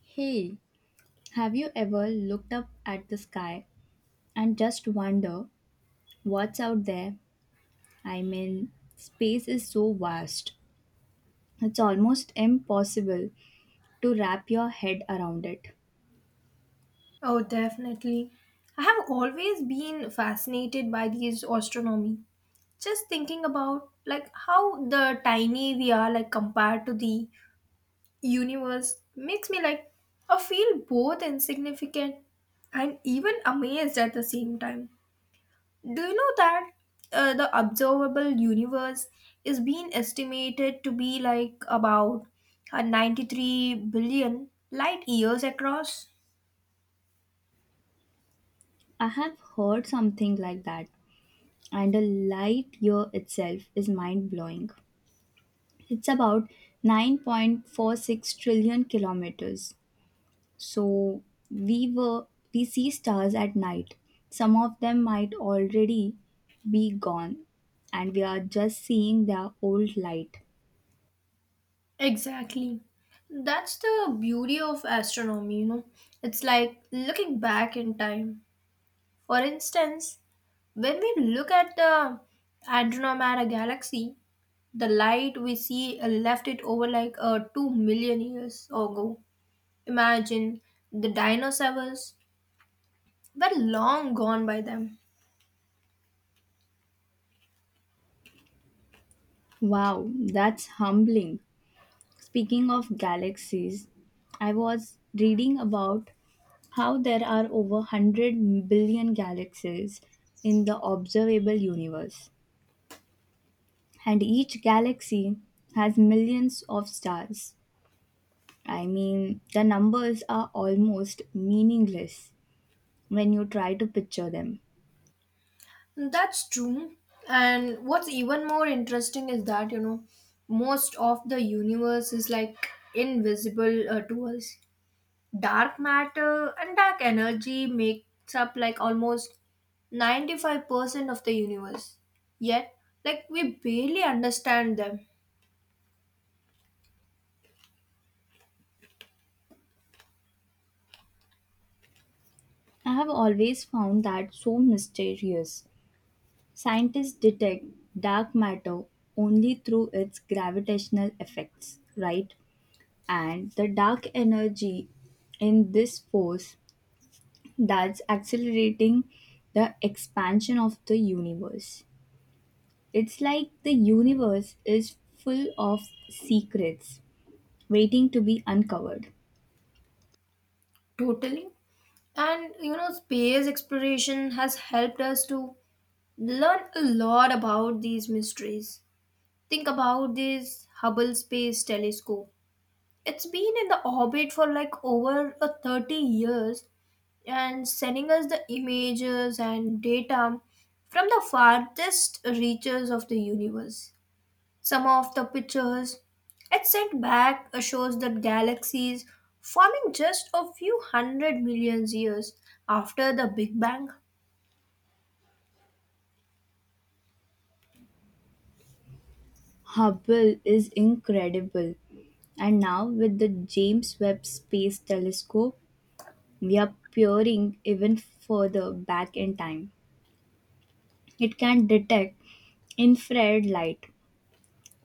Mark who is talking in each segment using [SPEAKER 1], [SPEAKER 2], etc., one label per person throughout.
[SPEAKER 1] Hey, have you ever looked up at the sky and just wonder what's out there? I mean, space is so vast. It's almost impossible to wrap your head around it.
[SPEAKER 2] Oh, definitely. I have always been fascinated by these astronomy. Just thinking about like how the tiny we are like compared to the universe makes me like I feel both insignificant and even amazed at the same time. Do you know that the observable universe is being estimated to be like about 93 billion light years across?
[SPEAKER 1] I have heard something like that, and the light year itself is mind blowing. It's about 9.46 trillion kilometers. So we were we see stars at night. Some of them might already be gone and we are just seeing their old light.
[SPEAKER 2] Exactly. That's the beauty of astronomy, you know. It's like looking back in time. For instance, when we look at the Andromeda galaxy, the light we see left it over like 2 million years ago. Imagine the dinosaurs were long gone by them.
[SPEAKER 1] Wow, that's humbling. Speaking of galaxies, I was reading about how there are over 100 billion galaxies in the observable universe, and each galaxy has millions of stars. I mean, the numbers are almost meaningless when you try to picture them.
[SPEAKER 2] That's true. And what's even more interesting is that, you know, most of the universe is like invisible to us. Dark matter and dark energy makes up like almost 95% of the universe, yet like we barely understand them.
[SPEAKER 1] I have always found that so mysterious. Scientists detect dark matter only through its gravitational effects, right? And the dark energy in this force that's accelerating the expansion of the universe. It's like the universe is full of secrets waiting to be uncovered.
[SPEAKER 2] Totally, and you know space exploration has helped us to learn a lot about these mysteries. Think about this Hubble Space Telescope. It's been in the orbit for like over a 30 years and sending us the images and data from the farthest reaches of the universe. Some of the pictures it sent back shows that galaxies forming just a few hundred million years after the Big Bang.
[SPEAKER 1] Hubble is incredible. And now, with the James Webb Space Telescope, we are peering even further back in time. It can detect infrared light,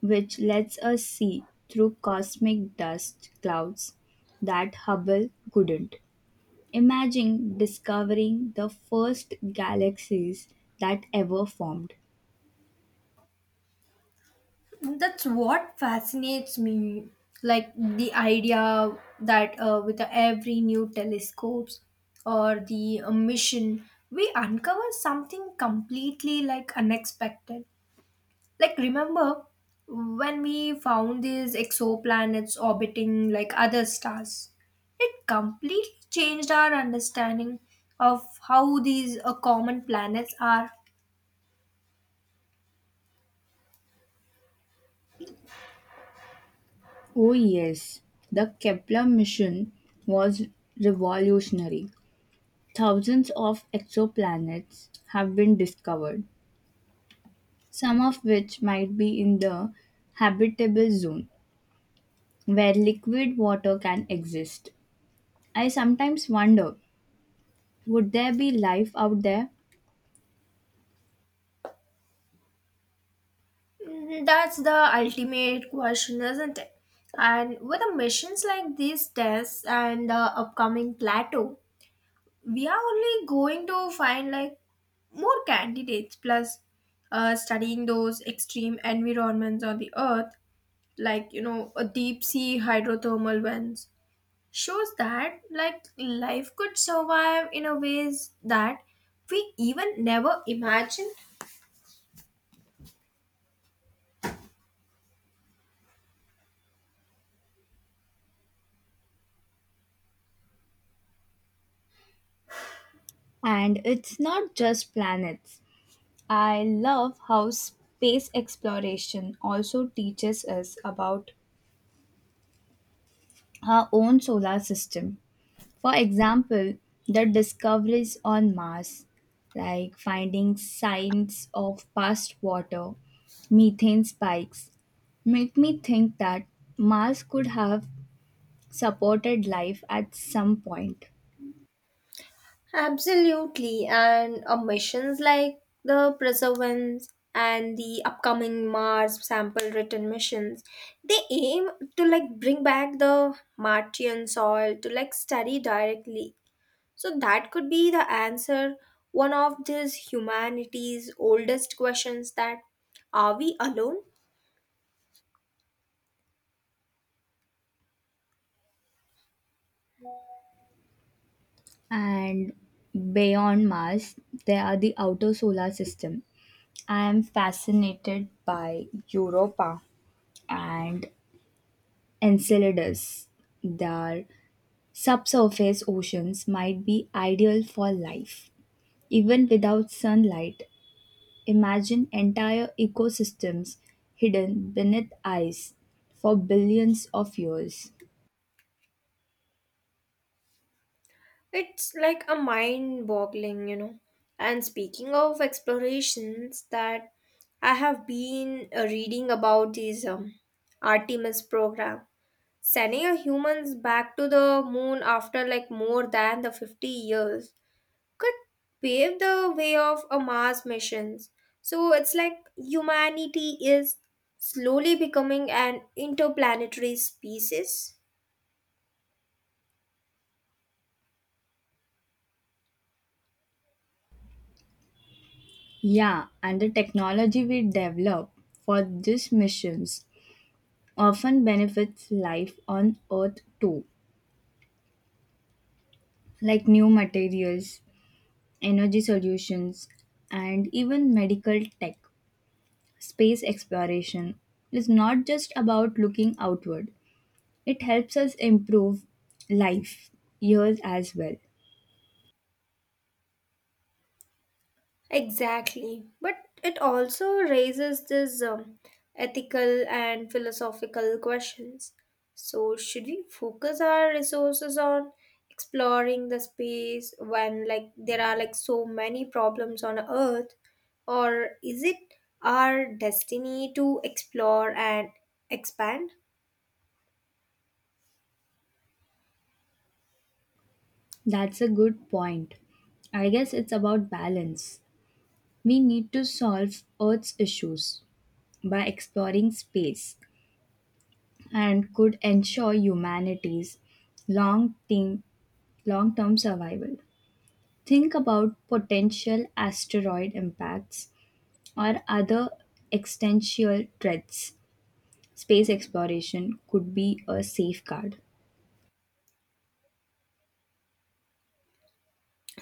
[SPEAKER 1] which lets us see through cosmic dust clouds that Hubble couldn't. Imagine discovering the first galaxies that ever formed.
[SPEAKER 2] That's what fascinates me. Like the idea that with every new telescopes or the mission, we uncover something completely like unexpected, like remember when we found these exoplanets orbiting like other stars. It completely changed our understanding of how these common planets are.
[SPEAKER 1] Oh, yes, the Kepler mission was revolutionary. Thousands of exoplanets have been discovered, some of which might be in the habitable zone where liquid water can exist. I sometimes wonder, would there be life out there?
[SPEAKER 2] Mm, that's the ultimate question, isn't it? And with the missions like these tests and the upcoming plateau, we are only going to find like more candidates. Plus studying those extreme environments on the earth, like you know a deep sea hydrothermal vents, shows that like life could survive in a ways that we even never imagined.
[SPEAKER 1] And it's not just planets. I love how space exploration also teaches us about our own solar system. For example, the discoveries on Mars, like finding signs of past water, methane spikes, make me think that Mars could have supported life at some point.
[SPEAKER 2] Absolutely, and missions like the Perseverance and the upcoming Mars sample return missions, they aim to like bring back the Martian soil to like study directly. So that could be the answer, one of this humanity's oldest questions, that are we alone?
[SPEAKER 1] And beyond Mars, there are the outer solar system. I am fascinated by Europa and Enceladus. Their subsurface oceans might be ideal for life. Even without sunlight, imagine entire ecosystems hidden beneath ice for billions of years.
[SPEAKER 2] It's like a mind boggling, you know. And speaking of explorations, that I have been reading about this Artemis program, sending a humans back to the moon after like more than the 50 years, could pave the way of a Mars missions. So it's like humanity is slowly becoming an interplanetary species.
[SPEAKER 1] Yeah, and the technology we develop for these missions often benefits life on Earth too, like new materials, energy solutions, and even medical tech. Space exploration is not just about looking outward, it helps us improve life years as well.
[SPEAKER 2] Exactly. But it also raises these ethical and philosophical questions. So, should we focus our resources on exploring the space when like there are like so many problems on earth, or is it our destiny to explore and expand?
[SPEAKER 1] That's a good point. I guess it's about balance. We need to solve Earth's issues by exploring space and could ensure humanity's long term long-term survival. Think about potential asteroid impacts or other existential threats. Space exploration could be a safeguard.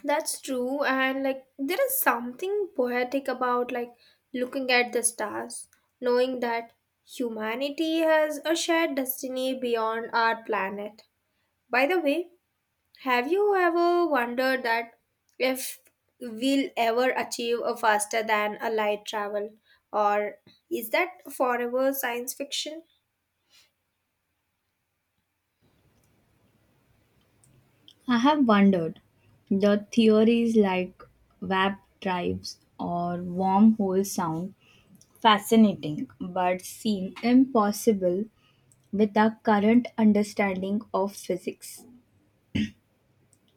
[SPEAKER 2] That's true, and like there is something poetic about like looking at the stars, knowing that humanity has a shared destiny beyond our planet. By the way, have you ever wondered that if we'll ever achieve a faster than a light travel, or is that forever science fiction?
[SPEAKER 1] I have wondered. The theories like warp drives or wormholes sound fascinating but seem impossible with our current understanding of physics.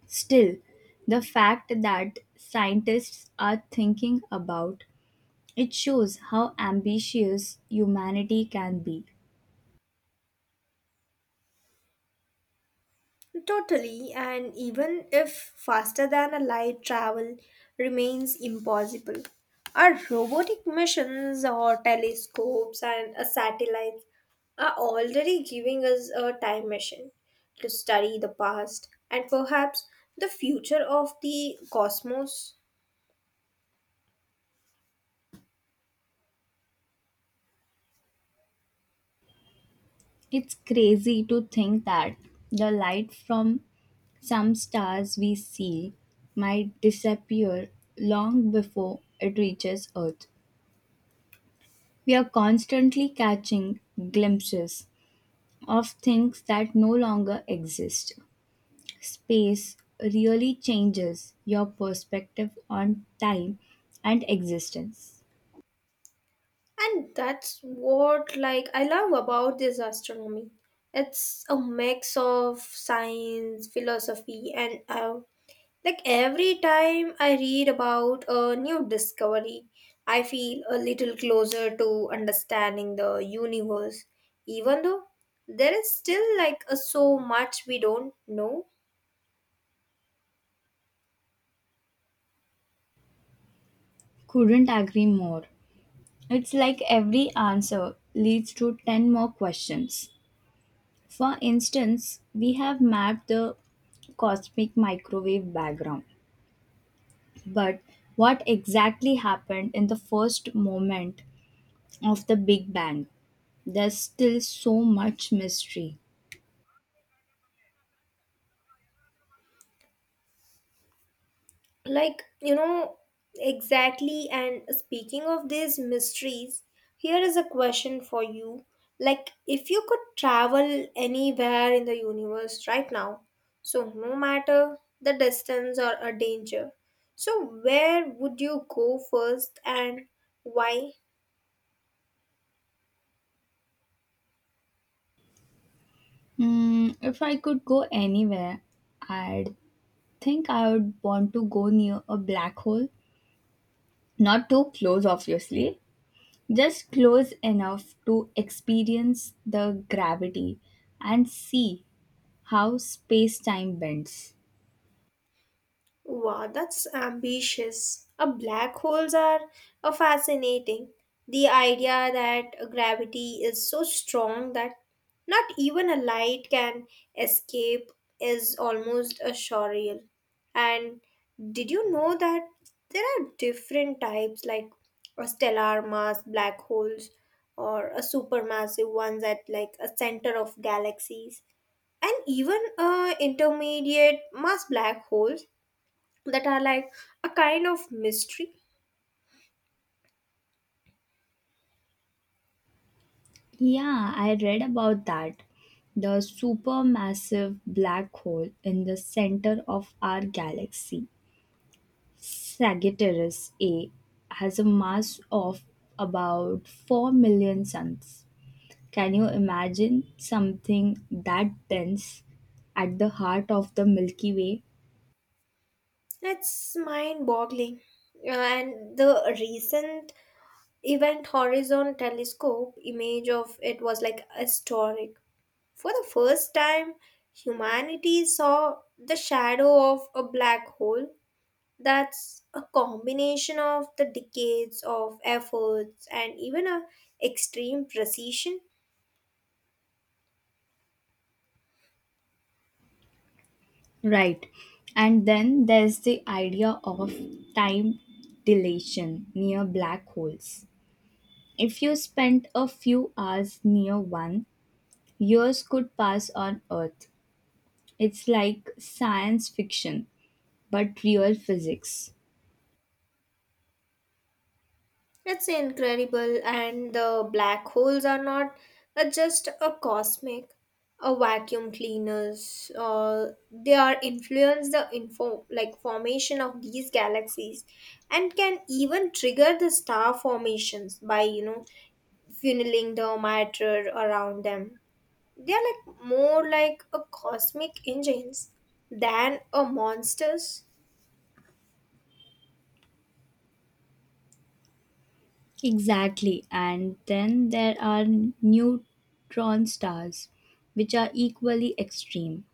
[SPEAKER 1] Still, the fact that scientists are thinking about it shows how ambitious humanity can be.
[SPEAKER 2] Totally, and even if faster than a light travel remains impossible, our robotic missions or telescopes and a satellites are already giving us a time machine to study the past and perhaps the future of the cosmos.
[SPEAKER 1] It's crazy to think that the light from some stars we see might disappear long before it reaches Earth. We are constantly catching glimpses of things that no longer exist. Space really changes your perspective on time and existence.
[SPEAKER 2] And that's what like I love about this astronomy. It's a mix of science, philosophy, and like every time I read about a new discovery, I feel a little closer to understanding the universe, even though there is still like a, so much we don't know.
[SPEAKER 1] Couldn't agree more. It's like every answer leads to 10 more questions. For instance, we have mapped the cosmic microwave background, but what exactly happened in the first moment of the Big Bang? There's still so much mystery.
[SPEAKER 2] Like you know exactly, and speaking of these mysteries, here is a question for you. Like if you could travel anywhere in the universe right now, so no matter the distance or a danger, so where would you go first, and why?
[SPEAKER 1] If I could go anywhere, I'd think I would want to go near a black hole. Not too close, obviously, just close enough to experience the gravity and see how space time bends.
[SPEAKER 2] Wow, that's ambitious. Black holes are fascinating. The idea that gravity is so strong that not even a light can escape is almost a surreal. And did you know that there are different types, like a stellar mass black holes or a supermassive ones at like a center of galaxies, and even intermediate mass black holes that are like a kind of mystery.
[SPEAKER 1] Yeah, I read about that. The supermassive black hole in the center of our galaxy, Sagittarius A, has a mass of about 4 million suns. Can you imagine something that dense at the heart of the Milky Way?
[SPEAKER 2] It's mind boggling. And the recent Event Horizon Telescope image of it was like historic. For the first time, humanity saw the shadow of a black hole. That's a combination of the decades of efforts and even a extreme precision.
[SPEAKER 1] Right. And then there's the idea of time dilation near black holes. If you spend a few hours near one, years could pass on Earth. It's like science fiction, but real physics.
[SPEAKER 2] It's incredible, and the black holes are not just a cosmic, a vacuum cleaners. They are influence the info like formation of these galaxies, and can even trigger the star formations by you know funneling the matter around them. They are like more like a cosmic engines than a monsters.
[SPEAKER 1] Exactly. And then there are neutron stars, which are equally extreme.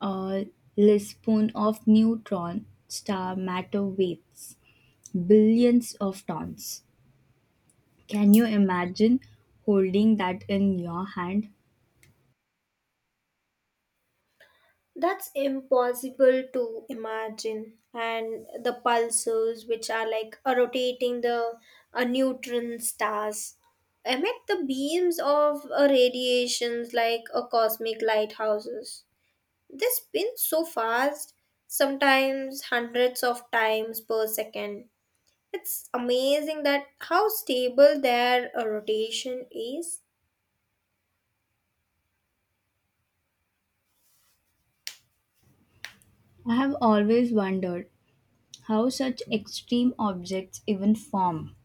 [SPEAKER 1] A lispoon of neutron star matter weighs billions of tons. Can you imagine holding that in your hand?
[SPEAKER 2] That's impossible to imagine. And the pulsars, which are like rotating the neutron stars, emit the beams of radiations like a cosmic lighthouses. They spin so fast, sometimes hundreds of times per second. It's amazing that how stable their rotation is.
[SPEAKER 1] I have always wondered how such extreme objects even form.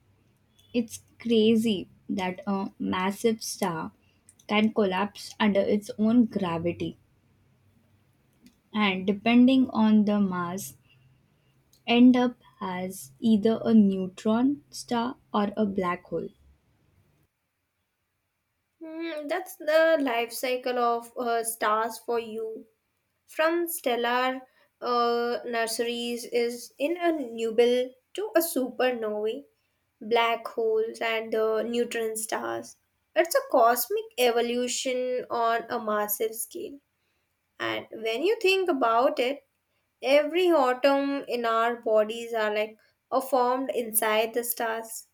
[SPEAKER 1] It's crazy that a massive star can collapse under its own gravity and, depending on the mass, end up as either a neutron star or a black hole.
[SPEAKER 2] Hmm, that's the life cycle of stars for you. From stellar nurseries is in a nubile to a supernovae, black holes, and the neutron stars. It's a cosmic evolution on a massive scale. And when you think about it, every atom in our bodies are like are formed inside the stars.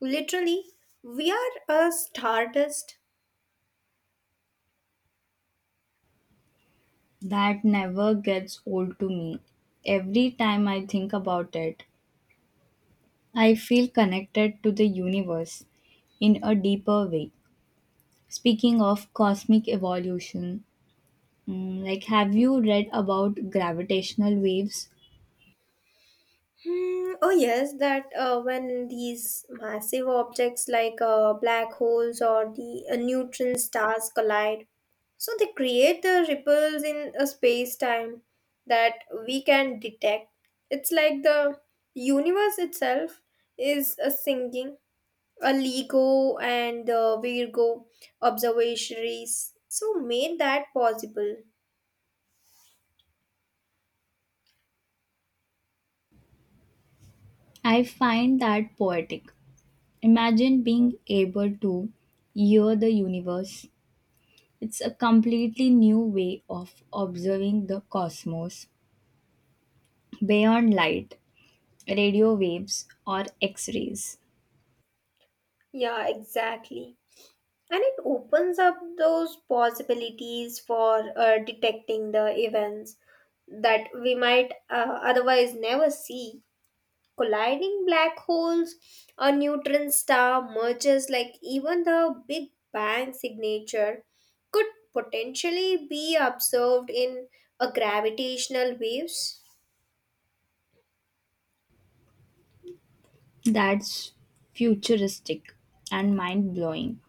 [SPEAKER 2] Literally, we are a stardust.
[SPEAKER 1] That never gets old to me. Every time I think about it, I feel connected to the universe in a deeper way. Speaking of cosmic evolution, like have you read about gravitational waves?
[SPEAKER 2] Hmm, oh yes, that when these massive objects like black holes or the neutron stars collide, so they create the ripples in a space-time that we can detect. It's like the universe itself is a singing, a LIGO and the Virgo observatories. So made that possible.
[SPEAKER 1] I find that poetic. Imagine being able to hear the universe. It's a completely new way of observing the cosmos beyond light, radio waves, or X rays.
[SPEAKER 2] Yeah, exactly, and it opens up those possibilities for detecting the events that we might otherwise never see. Colliding black holes, a neutron star merges, like even the big bang signature could potentially be observed in a gravitational waves.
[SPEAKER 1] That's futuristic and mind blowing.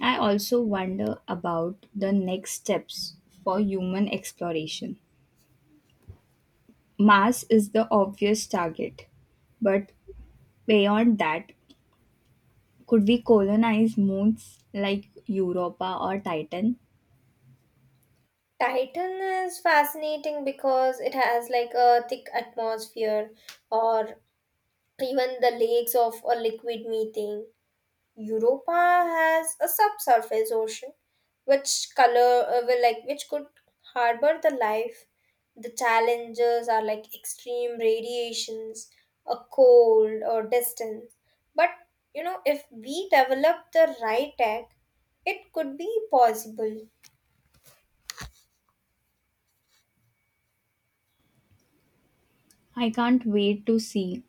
[SPEAKER 1] I also wonder about the next steps for human exploration. Mars is the obvious target, but beyond that, could we colonize moons like Europa or Titan?
[SPEAKER 2] Titan is fascinating because it has like a thick atmosphere, or even the lakes of a liquid methane. Europa has a subsurface ocean, which color will like which could harbor the life. The challenges are like extreme radiations, a cold or distance. But you know, if we develop the right tech, it could be possible.
[SPEAKER 1] I can't wait to see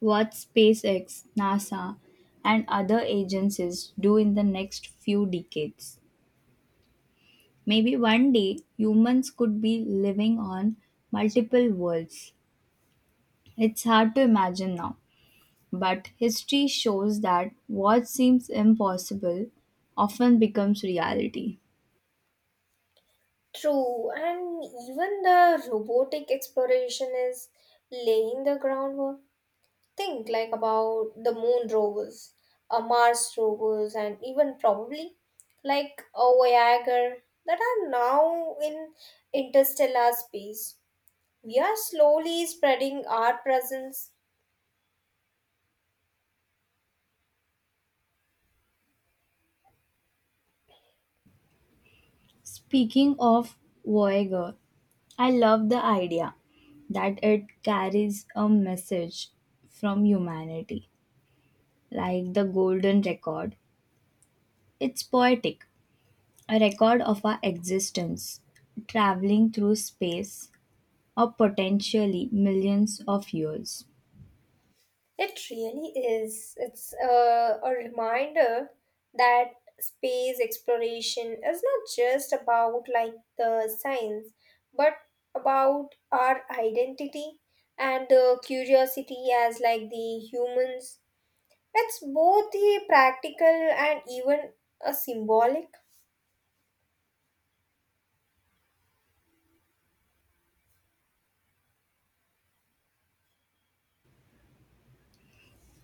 [SPEAKER 1] what SpaceX, NASA, and other agencies do in the next few decades. Maybe one day humans could be living on multiple worlds. It's hard to imagine now, but history shows that what seems impossible often becomes reality.
[SPEAKER 2] True, and even the robotic exploration is laying the groundwork. Think like about the moon rovers, Mars rovers, and even probably like a Voyager that are now in interstellar space. We are slowly spreading our presence.
[SPEAKER 1] Speaking of Voyager, I love the idea that it carries a message from humanity, like the golden record. It's poetic, a record of our existence, traveling through space or potentially millions of years.
[SPEAKER 2] It really is. It's a reminder that space exploration is not just about like the science, but about our identity and the curiosity as like the humans. It's both the practical and even a symbolic.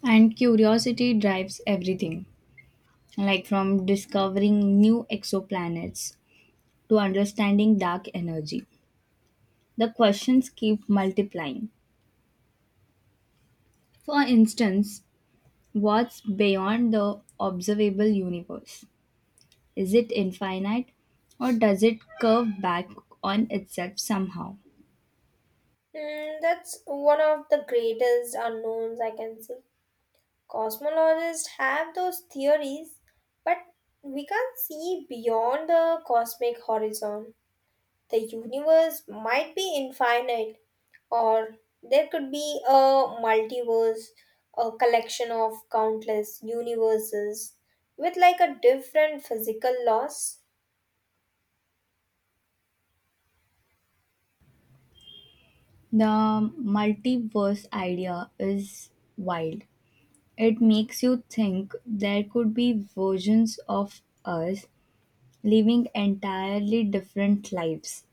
[SPEAKER 1] And curiosity drives everything, like from discovering new exoplanets to understanding dark energy. The questions keep multiplying. For instance, what's beyond the observable universe? Is it infinite or does it curve back on itself somehow?
[SPEAKER 2] Mm, that's one of the greatest unknowns I can say. Cosmologists have those theories, but we can't see beyond the cosmic horizon. The universe might be infinite, or there could be a multiverse, a collection of countless universes with like a different physical laws.
[SPEAKER 1] The multiverse idea is wild. It makes you think there could be versions of us living entirely different lives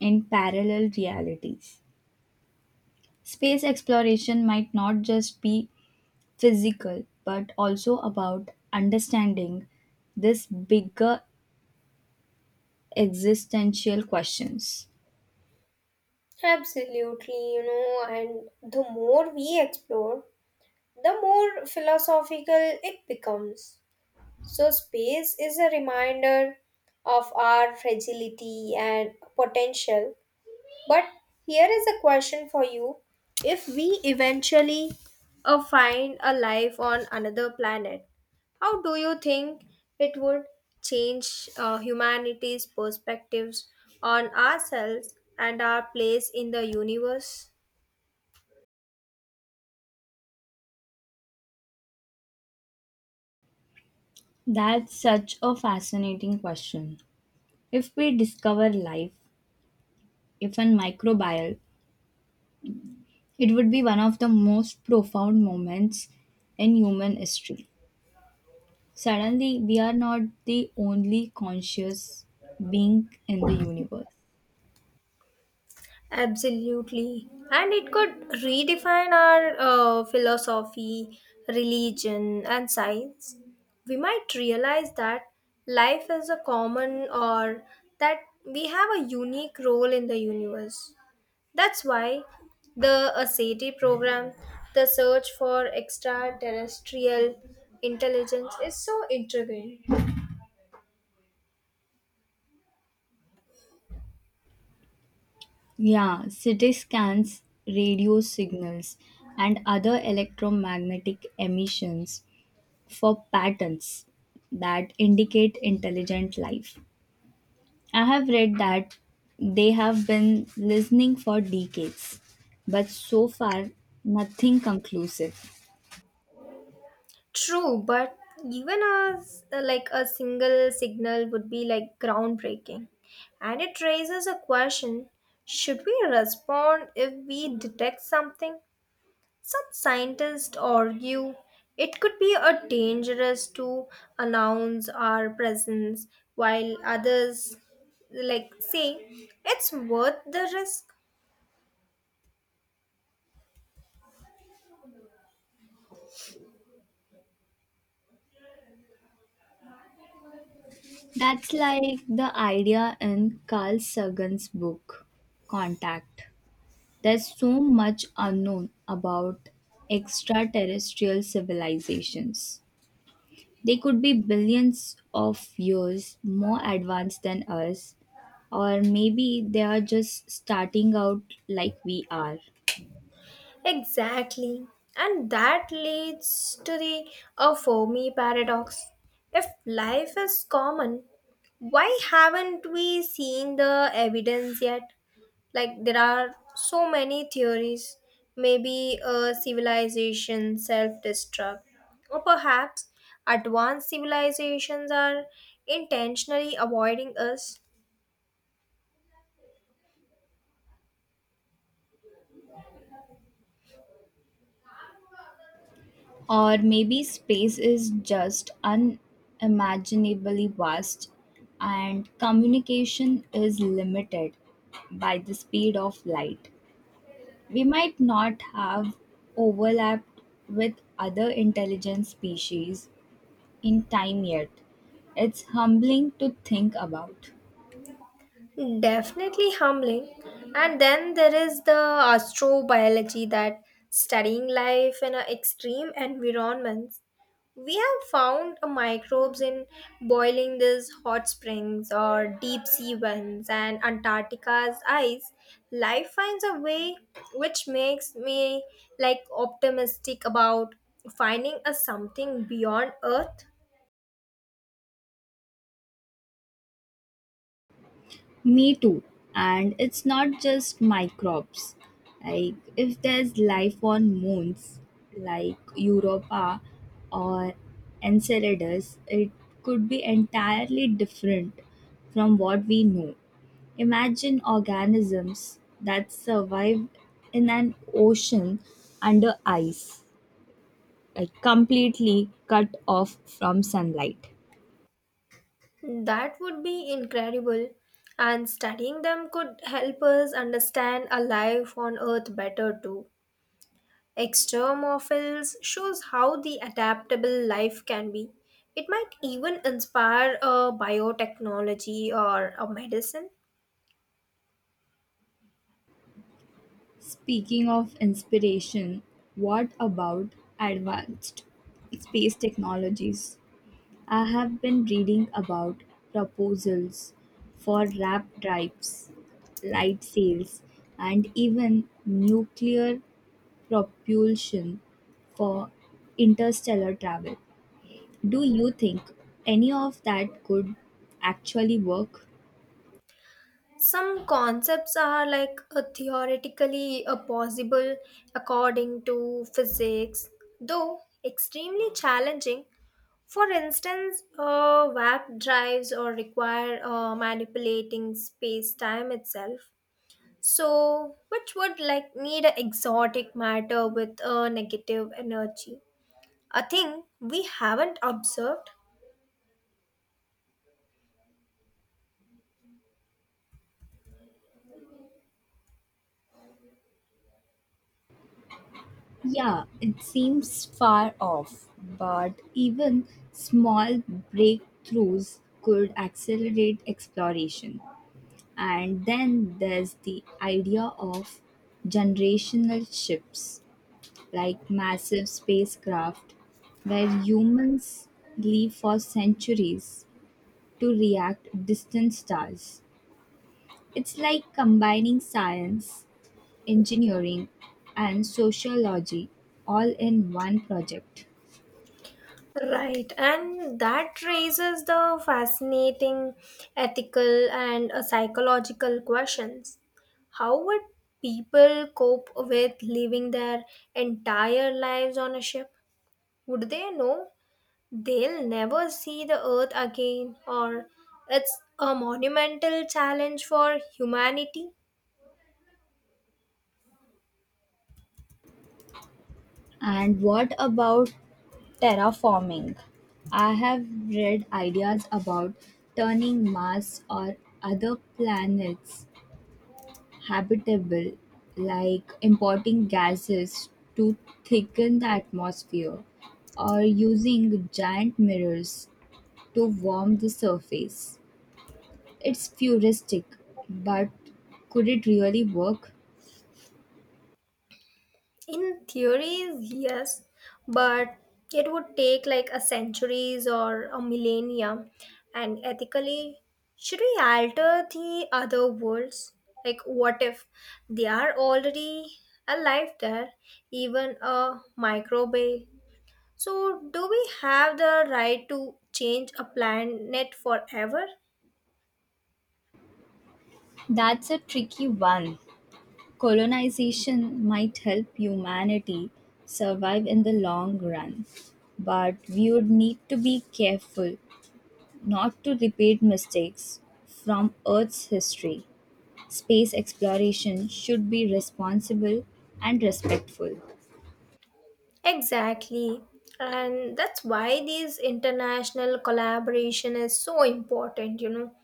[SPEAKER 1] in parallel realities. Space exploration might not just be physical, but also about understanding this bigger existential questions.
[SPEAKER 2] Absolutely, you know, and the more we explore, the more philosophical it becomes. So, space is a reminder of our fragility and potential. But here is a question for you: if we eventually find a life on another planet, how do you think it would change humanity's perspectives on ourselves and our place in the universe?
[SPEAKER 1] That's such a fascinating question. If we discover life, if a microbial, it would be one of the most profound moments in human history. Suddenly, we are not the only conscious being in the universe.
[SPEAKER 2] Absolutely. And it could redefine our philosophy, religion, and science. We might realize that life is a common, or that we have a unique role in the universe. That's why the ASETI program, the search for extraterrestrial intelligence, is so intriguing.
[SPEAKER 1] Yeah, CT scans, radio signals, and other electromagnetic emissions for patterns that indicate intelligent life. I have read that they have been listening for decades, but so far, nothing conclusive.
[SPEAKER 2] True, but even as like a single signal would be like groundbreaking. And it raises a question, should we respond if we detect something? Some scientists argue it could be a dangerous to announce our presence, while others like say it's worth the risk.
[SPEAKER 1] That's like the idea in Carl Sagan's book, Contact. There's so much unknown about extraterrestrial civilizations. They could be billions of years more advanced than us, or maybe they are just starting out like we are.
[SPEAKER 2] Exactly. And that leads to the a for paradox. If life is common, why haven't we seen the evidence yet? Like there are so many theories. Maybe a civilization self-destruct. Or perhaps advanced civilizations are intentionally avoiding us.
[SPEAKER 1] Or maybe space is just unimaginably vast and communication is limited by the speed of light. We might not have overlapped with other intelligent species in time yet. It's humbling to think about.
[SPEAKER 2] Definitely humbling. And then there is the astrobiology, that studying life in a extreme environments. We have found a microbes in boiling these hot springs or deep sea vents and Antarctica's ice. Life finds a way, which makes me like optimistic about finding a something beyond earth.
[SPEAKER 1] Me too. And it's not just microbes. Like if there's life on moons like Europa or Enceladus, it could be entirely different from what we know. Imagine organisms that survive in an ocean under ice, like completely cut off from sunlight.
[SPEAKER 2] That would be incredible. And studying them could help us understand a life on Earth better too. Extremophiles shows how the adaptable life can be. It might even inspire a biotechnology or a medicine.
[SPEAKER 1] Speaking of inspiration, what about advanced space technologies? I have been reading about proposals for rap drives, light sails, and even nuclear propulsion for interstellar travel. Do you think any of that could actually work?
[SPEAKER 2] Some concepts are like theoretically possible according to physics, though extremely challenging. For instance, warp drives or require manipulating space time itself, so which would like need a exotic matter with a negative energy, a thing we haven't observed.
[SPEAKER 1] Yeah, it seems far off, but even small breakthroughs could accelerate exploration. And then there's the idea of generational ships, like massive spacecraft, where humans live for centuries to react distant stars. It's like combining science, engineering, and sociology all in one project.
[SPEAKER 2] Right, and that raises the fascinating ethical and psychological questions. How would people cope with living their entire lives on a ship? Would they know they'll never see the earth again, or it's a monumental challenge for humanity?
[SPEAKER 1] And what about terraforming? I have read ideas about turning Mars or other planets habitable, like importing gases to thicken the atmosphere or using giant mirrors to warm the surface. It's futuristic, but could it really work?
[SPEAKER 2] In theories, yes, but it would take like a centuries or a millennia. And ethically, should we alter the other worlds? Like, what if they are already alive there, even a microbe? So, do we have the right to change a planet forever?
[SPEAKER 1] That's a tricky one. Colonization might help humanity survive in the long run, but we would need to be careful not to repeat mistakes from Earth's history. Space exploration should be responsible and respectful.
[SPEAKER 2] Exactly. And that's why these international collaboration is so important, you know.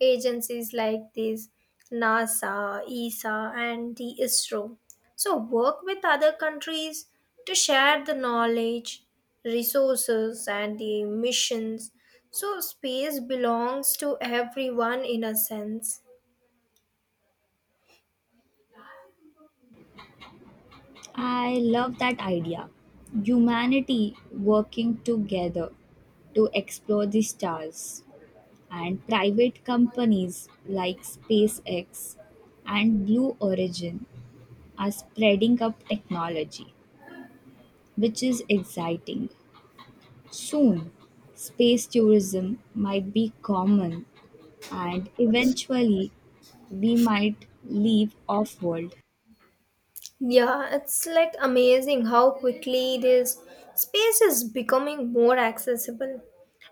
[SPEAKER 2] Agencies like this, NASA, ESA and the ISRO. So work with other countries to share the knowledge, resources and the missions. So space belongs to everyone in a sense.
[SPEAKER 1] I love that idea. Humanity working together to explore the stars, and private companies like SpaceX and Blue Origin are spreading up technology, which is exciting. Soon, space tourism might be common, and eventually, we might leave off world.
[SPEAKER 2] Yeah, it's like amazing how quickly this space is becoming more accessible.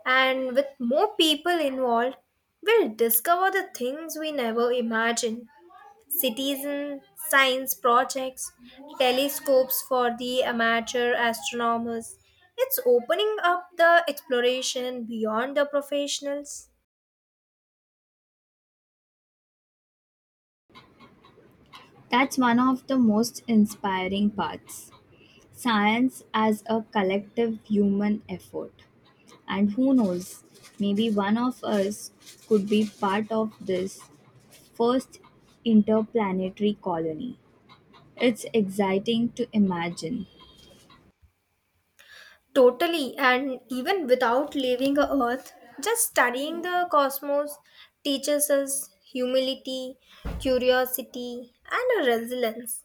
[SPEAKER 2] And with more people involved, we'll discover the things we never imagined. Citizen science projects, telescopes for the amateur astronomers. It's opening up the exploration beyond the professionals.
[SPEAKER 1] That's one of the most inspiring parts. Science as a collective human effort. And who knows, maybe one of us could be part of this first interplanetary colony. It's exciting to imagine.
[SPEAKER 2] Totally, and even without leaving the earth, just studying the cosmos teaches us humility, curiosity, and resilience.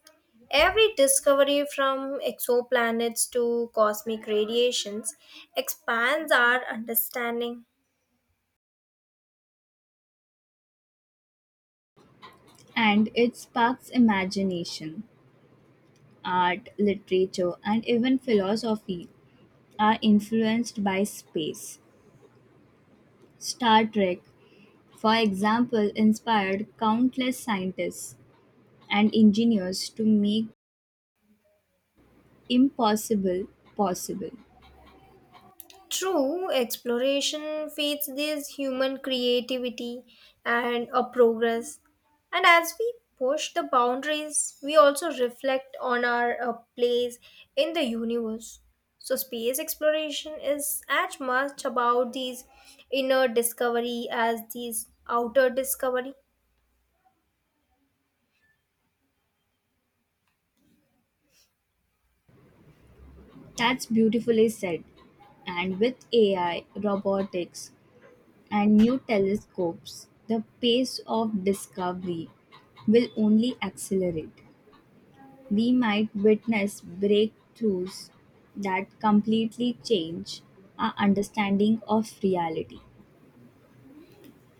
[SPEAKER 2] Every discovery from exoplanets to cosmic radiations expands our understanding.
[SPEAKER 1] And it sparks imagination. Art, literature, and even philosophy are influenced by space. Star Trek, for example, inspired countless scientists and engineers to make impossible possible.
[SPEAKER 2] True, exploration feeds this human creativity and a progress. And as we push the boundaries, we also reflect on our place in the universe. So, space exploration is as much about these inner discovery as these outer discovery.
[SPEAKER 1] That's beautifully said. And with AI, robotics, and new telescopes, the pace of discovery will only accelerate. We might witness breakthroughs that completely change our understanding of reality.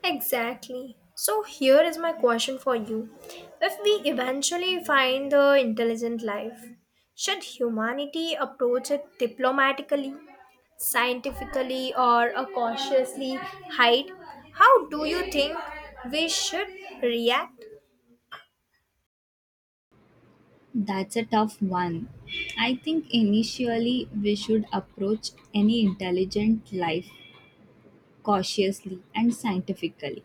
[SPEAKER 2] Exactly. So, here is my question for you. If we eventually find the intelligent life, should humanity approach it diplomatically, scientifically, or cautiously? Hide? How do you think we should react?
[SPEAKER 1] That's a tough one. I think initially we should approach any intelligent life cautiously and scientifically.